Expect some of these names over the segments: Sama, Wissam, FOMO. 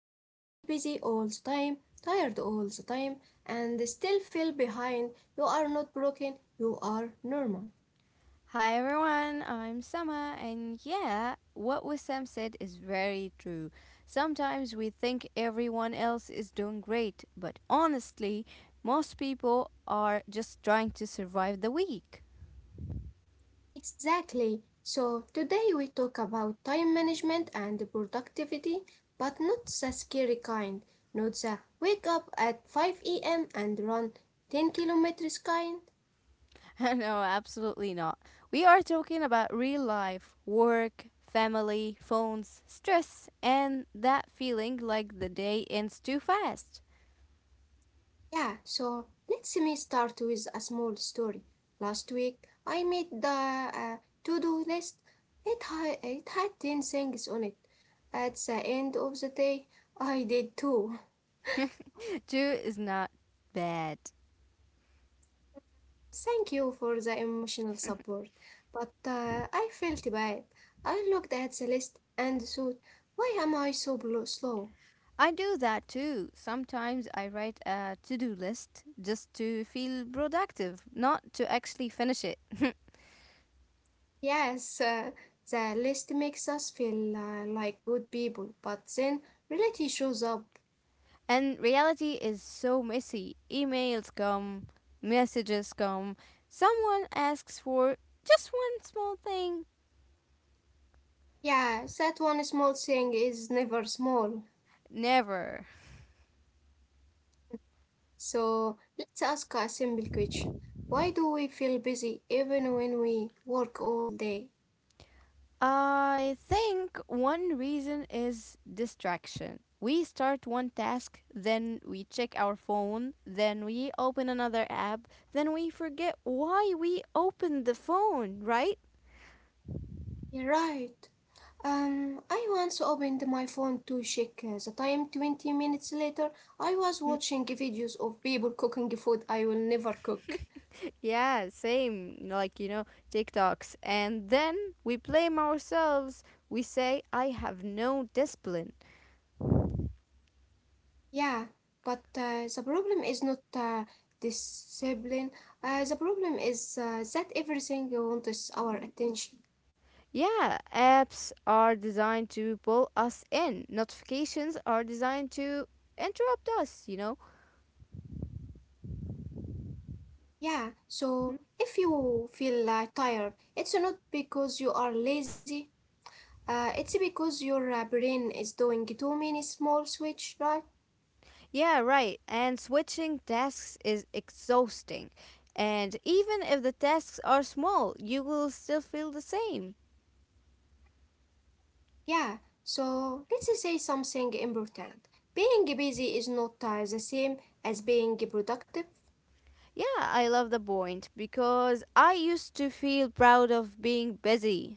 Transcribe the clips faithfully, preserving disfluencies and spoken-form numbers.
If you feel busy all the time, tired all the time, and still feel behind, you are not broken, you are normal. Hi everyone, I'm Sama, and yeah, what Wissam said is very true. Sometimes we think everyone else is doing great, but honestly, most people are just trying to survive the week. Exactly. So today we talk about time management and productivity, but not the scary kind, not the wake up at five a m and run ten kilometers kind. No, absolutely not. We are talking about real life, work, family, phones, stress, and that feeling like the day ends too fast. Yeah, so let us me start with a small story. Last week I made the uh, to-do list. It, ha- it had ten things on it. At the end of the day, I did two. Two is not bad. Thank you for the emotional support. But uh, I felt bad. I looked at the list and thought, why am I so blo- slow? I do that too. Sometimes I write a to do list just to feel productive, not to actually finish it. Yes, uh, the list makes us feel uh, like good people, but then reality shows up. And reality is so messy. Emails come, messages come, someone asks for just one small thing. Yeah, that one small thing is never small. Never. So let's ask a simple question. Why do we feel busy even when we work all day? I think one reason is distraction. We start one task, then we check our phone, then we open another app, then we forget why we opened the phone, right? You're right. Um, I once opened my phone to check uh, the time. twenty minutes later, I was watching videos of people cooking food I will never cook. Yeah, same, like, you know, TikToks. And then we blame ourselves. We say, I have no discipline. Yeah, but uh, the problem is not uh, discipline. Uh, the problem is uh, that everything wants our attention. Yeah, apps are designed to pull us in, notifications are designed to interrupt us, you know? Yeah, so if you feel uh, tired, it's not because you are lazy. Uh, it's because your uh, brain is doing too many small switch, right? Yeah, right. And switching tasks is exhausting. And even if the tasks are small, you will still feel the same. Yeah, so let's say something important. Being busy is not uh, the same as being productive. Yeah, I love the point because I used to feel proud of being busy.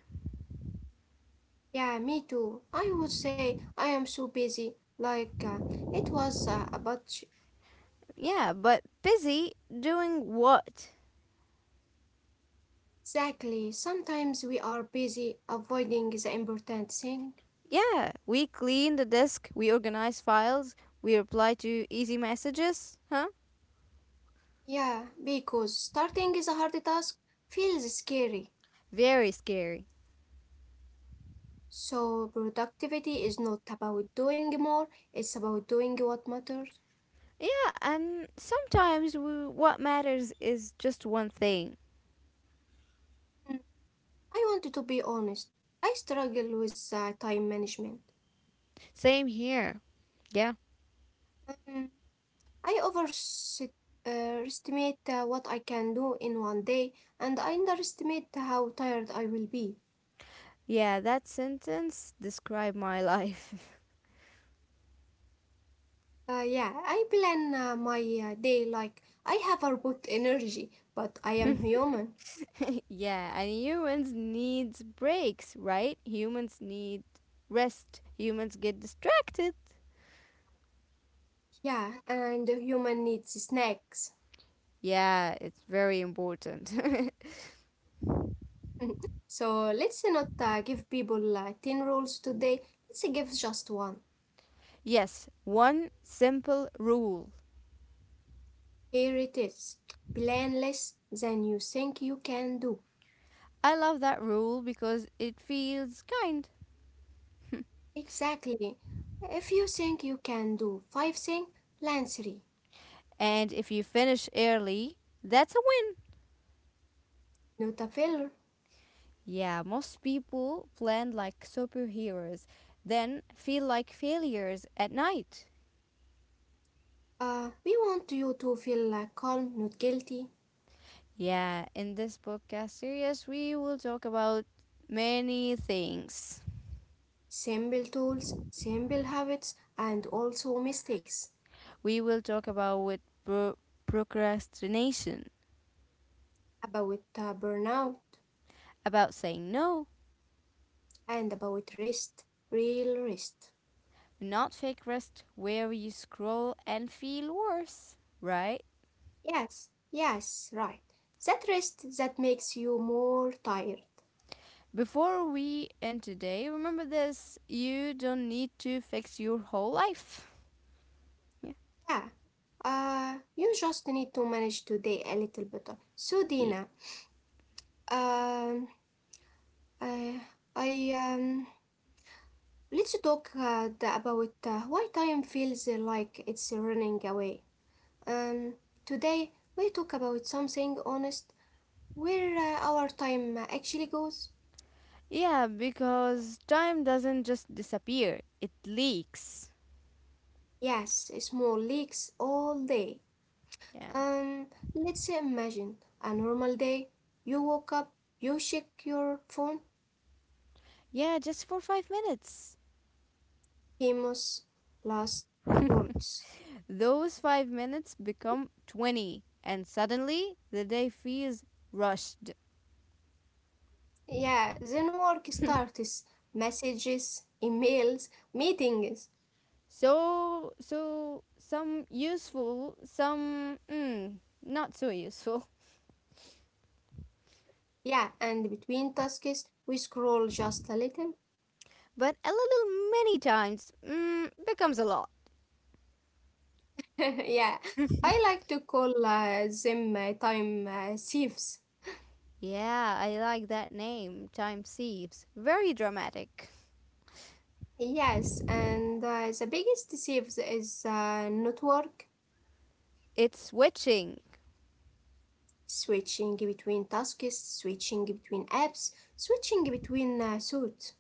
Yeah, me too. I would say I am so busy. Like uh, it was uh, about Yeah, but busy doing what? exactly. Sometimes we are busy avoiding the important thing. Yeah, we clean the desk, we organize files, we reply to easy messages, huh? Yeah, because starting is a hard task feels scary. Very scary. So productivity is not about doing more, it's about doing what matters. Yeah, and sometimes we, what matters is just one thing. Mm. I wanted to be honest. I struggle with uh, time management. Same here. Yeah. Mm. I overestimate uh, estimate, uh, what I can do in one day, and I underestimate how tired I will be. Yeah, that sentence described my life. Uh, yeah, I plan uh, my uh, day like I have a robot energy, but I am human. Yeah, and humans needs breaks, right? Humans need rest. Humans get distracted. Yeah, and the human needs snacks. Yeah, it's very important. So let's not uh, give people uh, ten rules today. Let's give just one. Yes, one simple rule. Here it is. Plan less than you think you can do. I love that rule because it feels kind. Exactly. If you think you can do five things, plan three. And if you finish early, that's a win. Not a failure. Yeah, most people plan like superheroes, then feel like failures at night. Uh, we want you to feel uh, calm, not guilty. Yeah, in this podcast series, we will talk about many things. Simple tools, simple habits, and also mistakes. We will talk about with pro- procrastination, About uh, burnout. about saying no, And about rest, real rest. not fake rest where you scroll and feel worse, right? Yes, yes, right. That rest that makes you more tired. Before we end today, remember this you don't need to fix your whole life. Yeah. Yeah. Uh, you just need to manage today a little better. So, Ye- Dina, um, I, I, um, let's talk uh, the- about uh, why time feels like it's running away. Um, today we talk about something honest, where uh, our time actually goes. Yeah, because time doesn't just disappear, it leaks. Yes, small leaks all day. Yeah. Um, let's imagine a normal day. You woke up, you check your phone, Yeah, just for five minutes. famous last words. Those five minutes become twenty, and suddenly the day feels rushed. Yeah, then work starts, messages, emails, meetings. So, so some useful, some mm, not so useful. Yeah, and between tasks, we scroll just a little. But a little many times mm, becomes a lot. Yeah, I like to call uh, them uh, time uh, thieves. Yeah, I like that name, time sieves. Very dramatic. Yes, and uh, the biggest thieves is uh, not work, It's switching. switching between tasks, switching between apps, switching between uh, suits.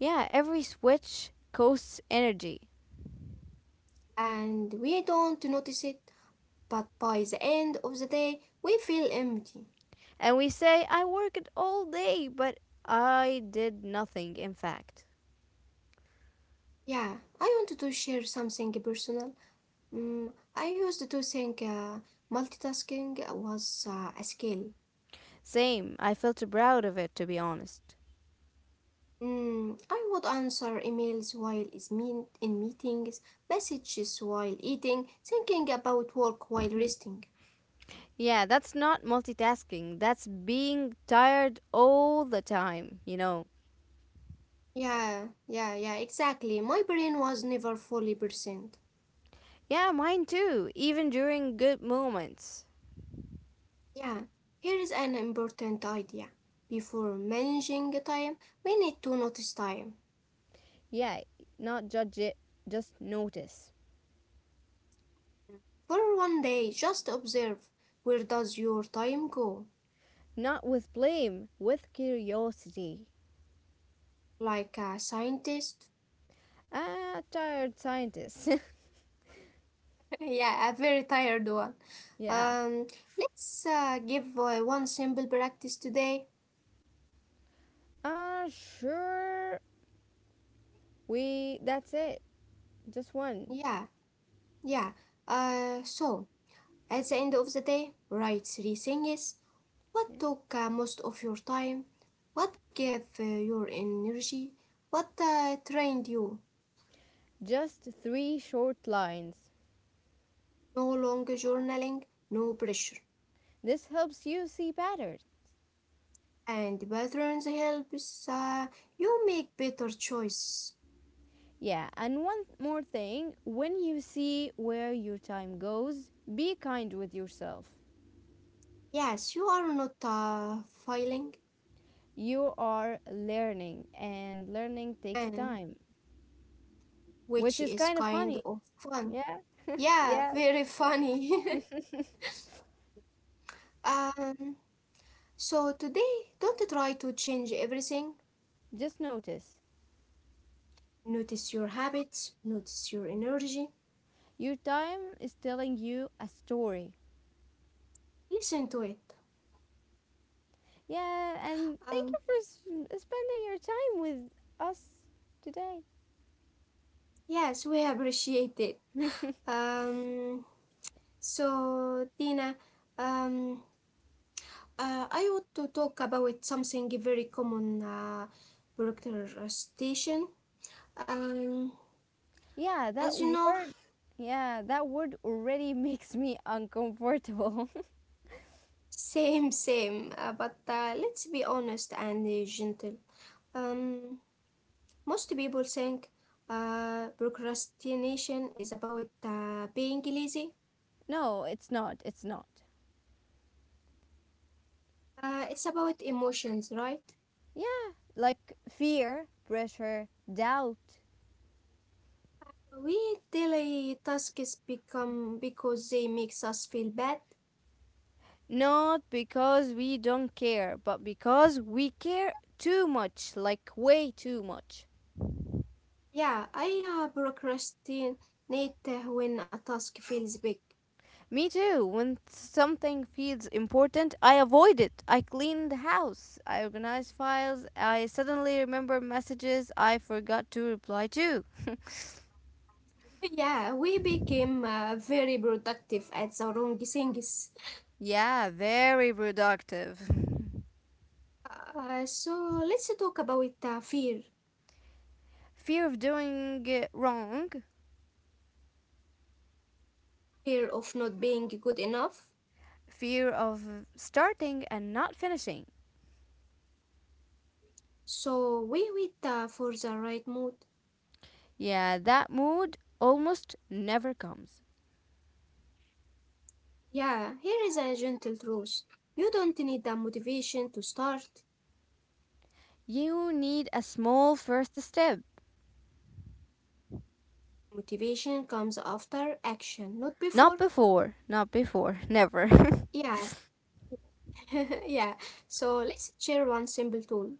Yeah, every switch costs energy. And we don't notice it, but by the end of the day, we feel empty. And we say, I worked all day, but I did nothing, in fact. Yeah, I wanted to share something personal. Mm, I used to think uh, multitasking was uh, a skill. Same. I felt proud of it, to be honest. Mm, I would answer emails while is mean in meetings, messages while eating, thinking about work while resting. Yeah, that's not multitasking. That's being tired all the time, you know. Yeah, yeah, yeah, exactly. My brain was never fully percent. Yeah, mine too, even during good moments. Yeah, here is an important idea. Before managing time, we need to notice time. Yeah, not judge it, just notice. For one day, just observe where does your time go? Not with blame, with curiosity. Like a scientist? Ah, tired scientist. Yeah, a very tired one. Yeah. Um, let's uh, give uh, one simple practice today. Ah, sure. We, that's it. Just one. Yeah, yeah. Uh, so at the end of the day, write three things. Yeah. What took uh, most of your time? What gave uh, your energy? What uh, trained you? Just three short lines. No long journaling, no pressure. This helps you see patterns. And patterns helps uh, you make better choices. Yeah, and one th- more thing, when you see where your time goes, be kind with yourself. Yes, you are not uh, failing, You are learning, and learning takes and time, which which is is kind of kind funny. of fun. Yeah, Yeah, yeah. very funny. um, so today, don't try to change everything. Just notice Notice your habits, notice your energy, your time is telling you a story. listen to it. Yeah, and thank Um, you for s- spending your time with us today. yes, we appreciate it. Um, so, Tina, um, uh, I want to talk about something very common uh, procrastination. Um, Yeah, that as you know, word. Yeah, that word already makes me uncomfortable. same, same, uh, but uh, let's be honest and uh, gentle. Um, Most people think uh, procrastination is about uh, being lazy. No, it's not. It's not. Uh, it's about emotions, right? Yeah, like fear, pressure, doubt. We delay tasks become because they makes us feel bad. Not because we don't care, but because we care too much, like way too much. Yeah, I uh, procrastinate uh, when a task feels big. Me too. When something feels important, I avoid it. I clean the house. I organize files. I suddenly remember messages I forgot to reply to. Yeah, we became uh, very productive at the wrong things. Yeah, very productive. Uh, so let's talk about uh, fear, Fear of doing it wrong, fear of not being good enough. fear of starting and not finishing, So we wait uh, for the right mood. yeah, that mood almost never comes. Yeah, here is a gentle truth. You don't need the motivation to start. You need a small first step. Motivation comes after action, not before. Not before, not before, never. Yeah, yeah. So let's share one simple tool.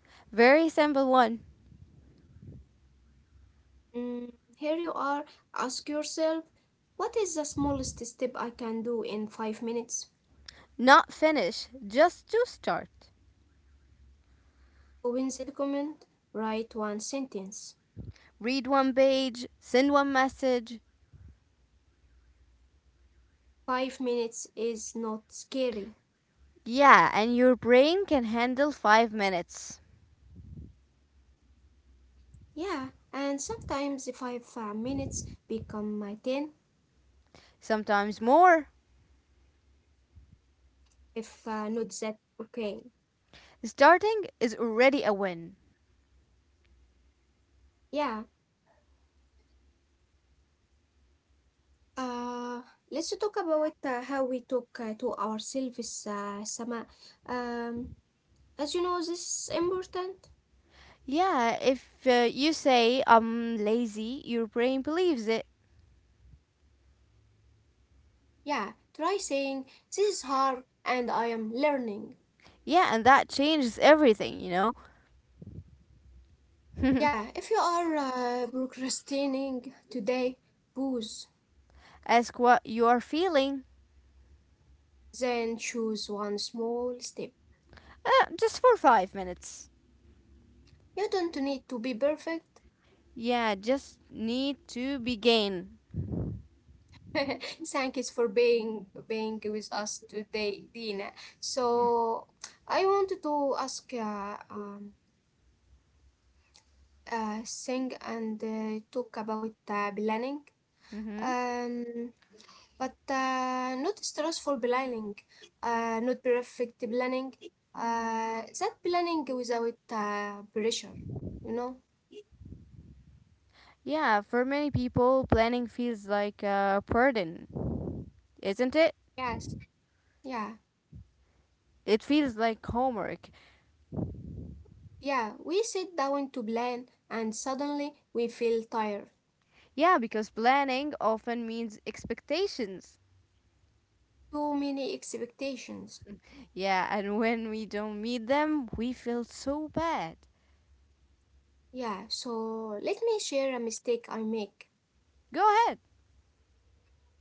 Very simple one. Mm, here you are. Ask yourself, what is the smallest step I can do in five minutes? Not finish, just to start. Open the document, write one sentence. Read one page, send one message. Five minutes is not scary. Yeah, and your brain can handle five minutes, Yeah, and sometimes the five uh, minutes become my ten. sometimes more. If uh, not that, okay. Starting is already a win. Yeah. Uh, let's talk about uh, how we talk uh, to ourselves, uh, Sama. Um, as you know, this is important. Yeah, if uh, you say I'm lazy, your brain believes it. Yeah, try saying this is hard and I am learning. Yeah, and that changes everything, you know. Yeah, if you are uh, procrastinating today, pause. Ask what you are feeling. Then choose one small step. Uh, just for five minutes. You don't need to be perfect. Yeah, just need to begin. Thank you for being being with us today, Dina. So I wanted to ask uh, um, uh, sing and uh, talk about uh, planning. Mm-hmm. Um, but uh, not stressful planning, uh, not perfect planning. Uh, that planning without uh, pressure, you know? Yeah, for many people, planning feels like a burden, isn't it? Yes, yeah, It feels like homework. yeah. We sit down to plan and suddenly we feel tired. Yeah, because planning often means expectations. Too many expectations. Yeah, and when we don't meet them, we feel so bad. Yeah, so let me share a mistake I make. Go ahead.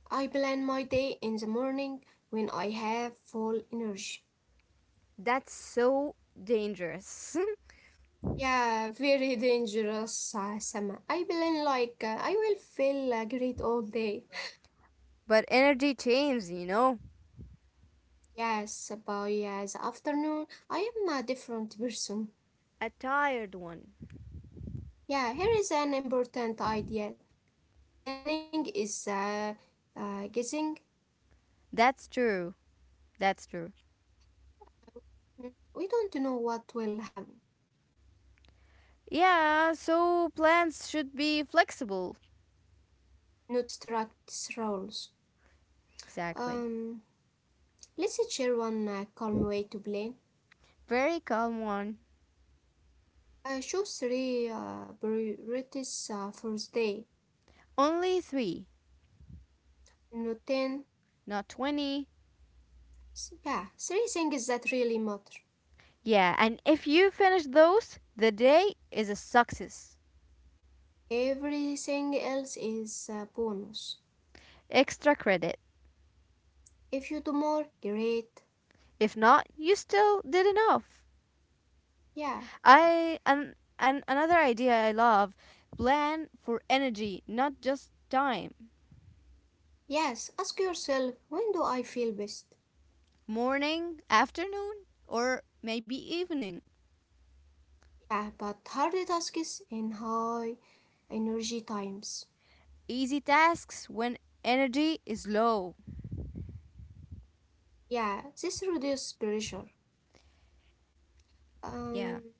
I plan my day in the morning when I have full energy. That's so dangerous. Yeah, very dangerous, uh, Sama. I plan like uh, I will feel uh, great all day. But energy changes, you know. Yes, by uh, the afternoon, I am a different person. A tired one. Yeah, here is an important idea. Planning is uh, uh, guessing. That's true. That's true. Mm, We don't know what will happen. Yeah, so plans should be flexible. Not strict rules. Exactly. Um, let's share one uh, calm way to plan. Very calm one. I choose three uh, priorities uh, for the day. Only three, Not ten. not twenty. S- Yeah, three things that really matter. Yeah, and if you finish those, the day is a success. Everything else is a bonus. Extra credit. If you do more, great. If not, you still did enough. Yeah. I and and another idea I love, plan for energy, not just time. Yes, ask yourself, when do I feel best? Morning, afternoon, or maybe evening. Yeah, but hard tasks in high energy times. Easy tasks when energy is low. Yeah, this reduces pressure. Yeah. Um,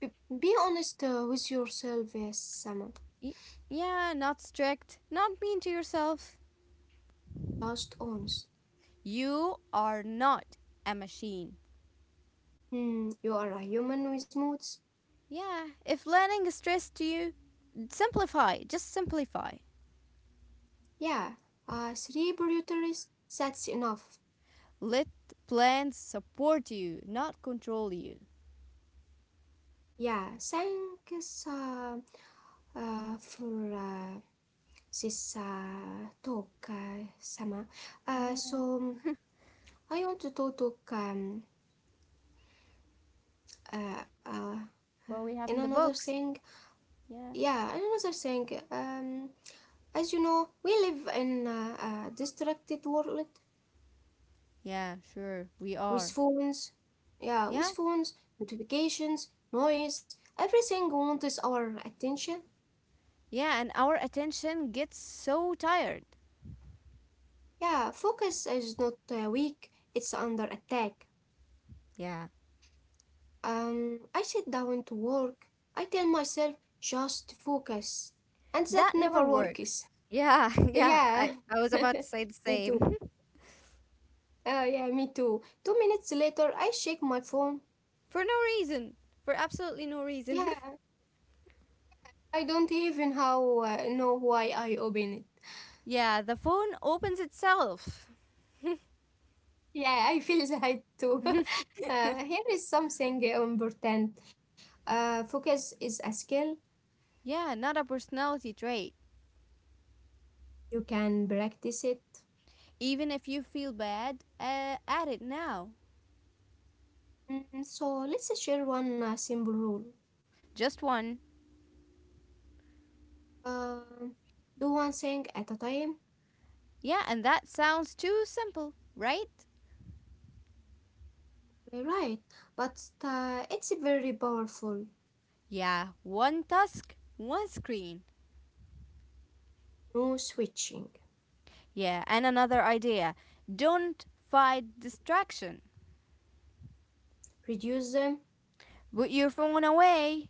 be, be honest uh, with yourself, yes, Sama. Y- yeah, not strict, not mean to yourself. Just honest. You are not a machine. Hmm, you are a human with moods. Yeah, if learning is stress to you, simplify, just simplify. Yeah, uh, three priorities, that's enough. Let plans support you, not control you. Yeah, thanks uh, uh, for uh, this uh, talk, uh, Sama. Uh, Yeah, So um, I want to talk, talk um, uh, uh, what we uh, have in the in another books. thing. Yeah. Yeah, in another thing. Um, as you know, we live in a, a distracted world Yeah, sure, we with are. phones. Yeah, Yeah. with phones, notifications, noise. Everything wants our attention. Yeah, and our attention gets so tired. Yeah, focus is not uh, weak; it's under attack. Yeah. Um, I sit down to work. I tell myself just focus, and that That never never works. works. Yeah, yeah, I, Yeah, I was about to say the me too. same. Uh, yeah, me too. Two minutes later, I shake my phone. For no reason. For absolutely no reason. Yeah, I don't even how uh, know why I open it. Yeah, the phone opens itself. Yeah, I feel that too. Uh, here is something important. Uh, focus is a skill. Yeah, not a personality trait. You can practice it. Even if you feel bad uh, at it now. Mm, so let's share one uh, simple rule. Just one. Um, do one thing at a time, Yeah, and that sounds too simple, right? uh, right? But uh, it's very powerful. Yeah, one task, one screen. No switching. Yeah, and another idea. Don't fight distraction. Reduce them, Put your phone away.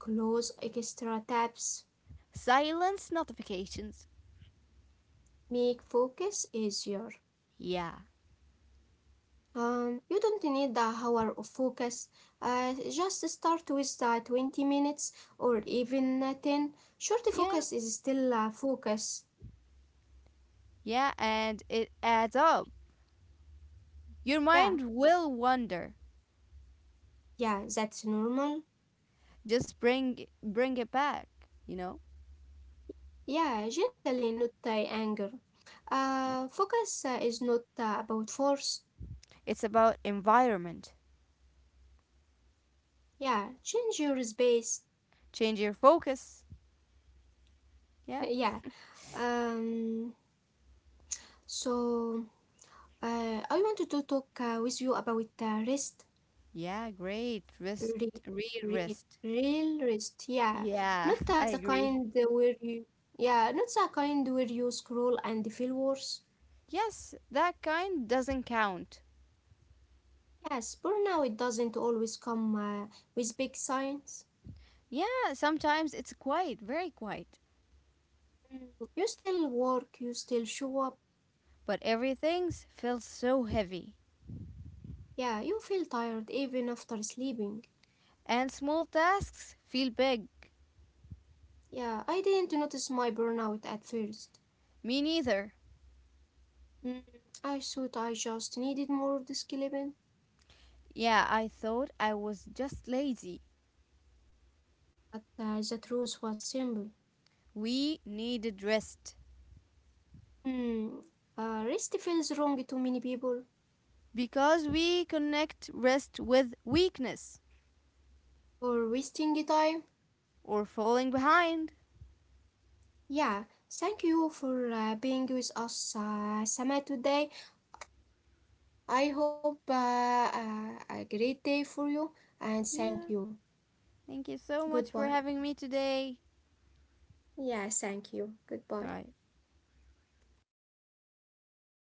close extra tabs, Silence notifications. make focus easier. Yeah, Um, you don't need the hour of focus. Uh, just start with the twenty minutes or even uh, ten. Short yeah, focus is still uh, focus. yeah, and it adds up. Your Yeah, mind will wander. yeah, that's normal. Just bring bring it back, you know? Yeah, gently, not uh, anger. Yeah. Uh, focus uh, is not uh, about force. It's about environment. Yeah, change your space. Change your focus. Yeah. Yeah. Um, so uh, I wanted to talk uh, with you about uh, rest, Yeah, great. Rest re- read re- rest. real rest. Yeah, not Yeah, uh, I the agree. kind where you yeah, not the kind where you scroll and feel worse. Yes, that kind doesn't count. Yes, burnout it doesn't always come uh, with big signs. Yeah, sometimes it's quiet, very quiet. Mm, you still work, you still show up. But everything feels so heavy. Yeah, you feel tired even after sleeping. And small tasks feel big. Yeah, I didn't notice my burnout at first. Me neither. Mm, I thought I just needed more discipline, Yeah, I thought I was just lazy. but uh, the truth was simple. We needed rest. Hmm, uh, rest feels wrong to many people Because we connect rest with weakness for wasting time. or falling behind. Yeah, thank you for uh, being with us, uh, Sama, today. I hope uh, uh, a great day for you, and thank Yeah. you. Thank you so much for Goodbye. having me today. Yeah, thank you. Goodbye. Bye.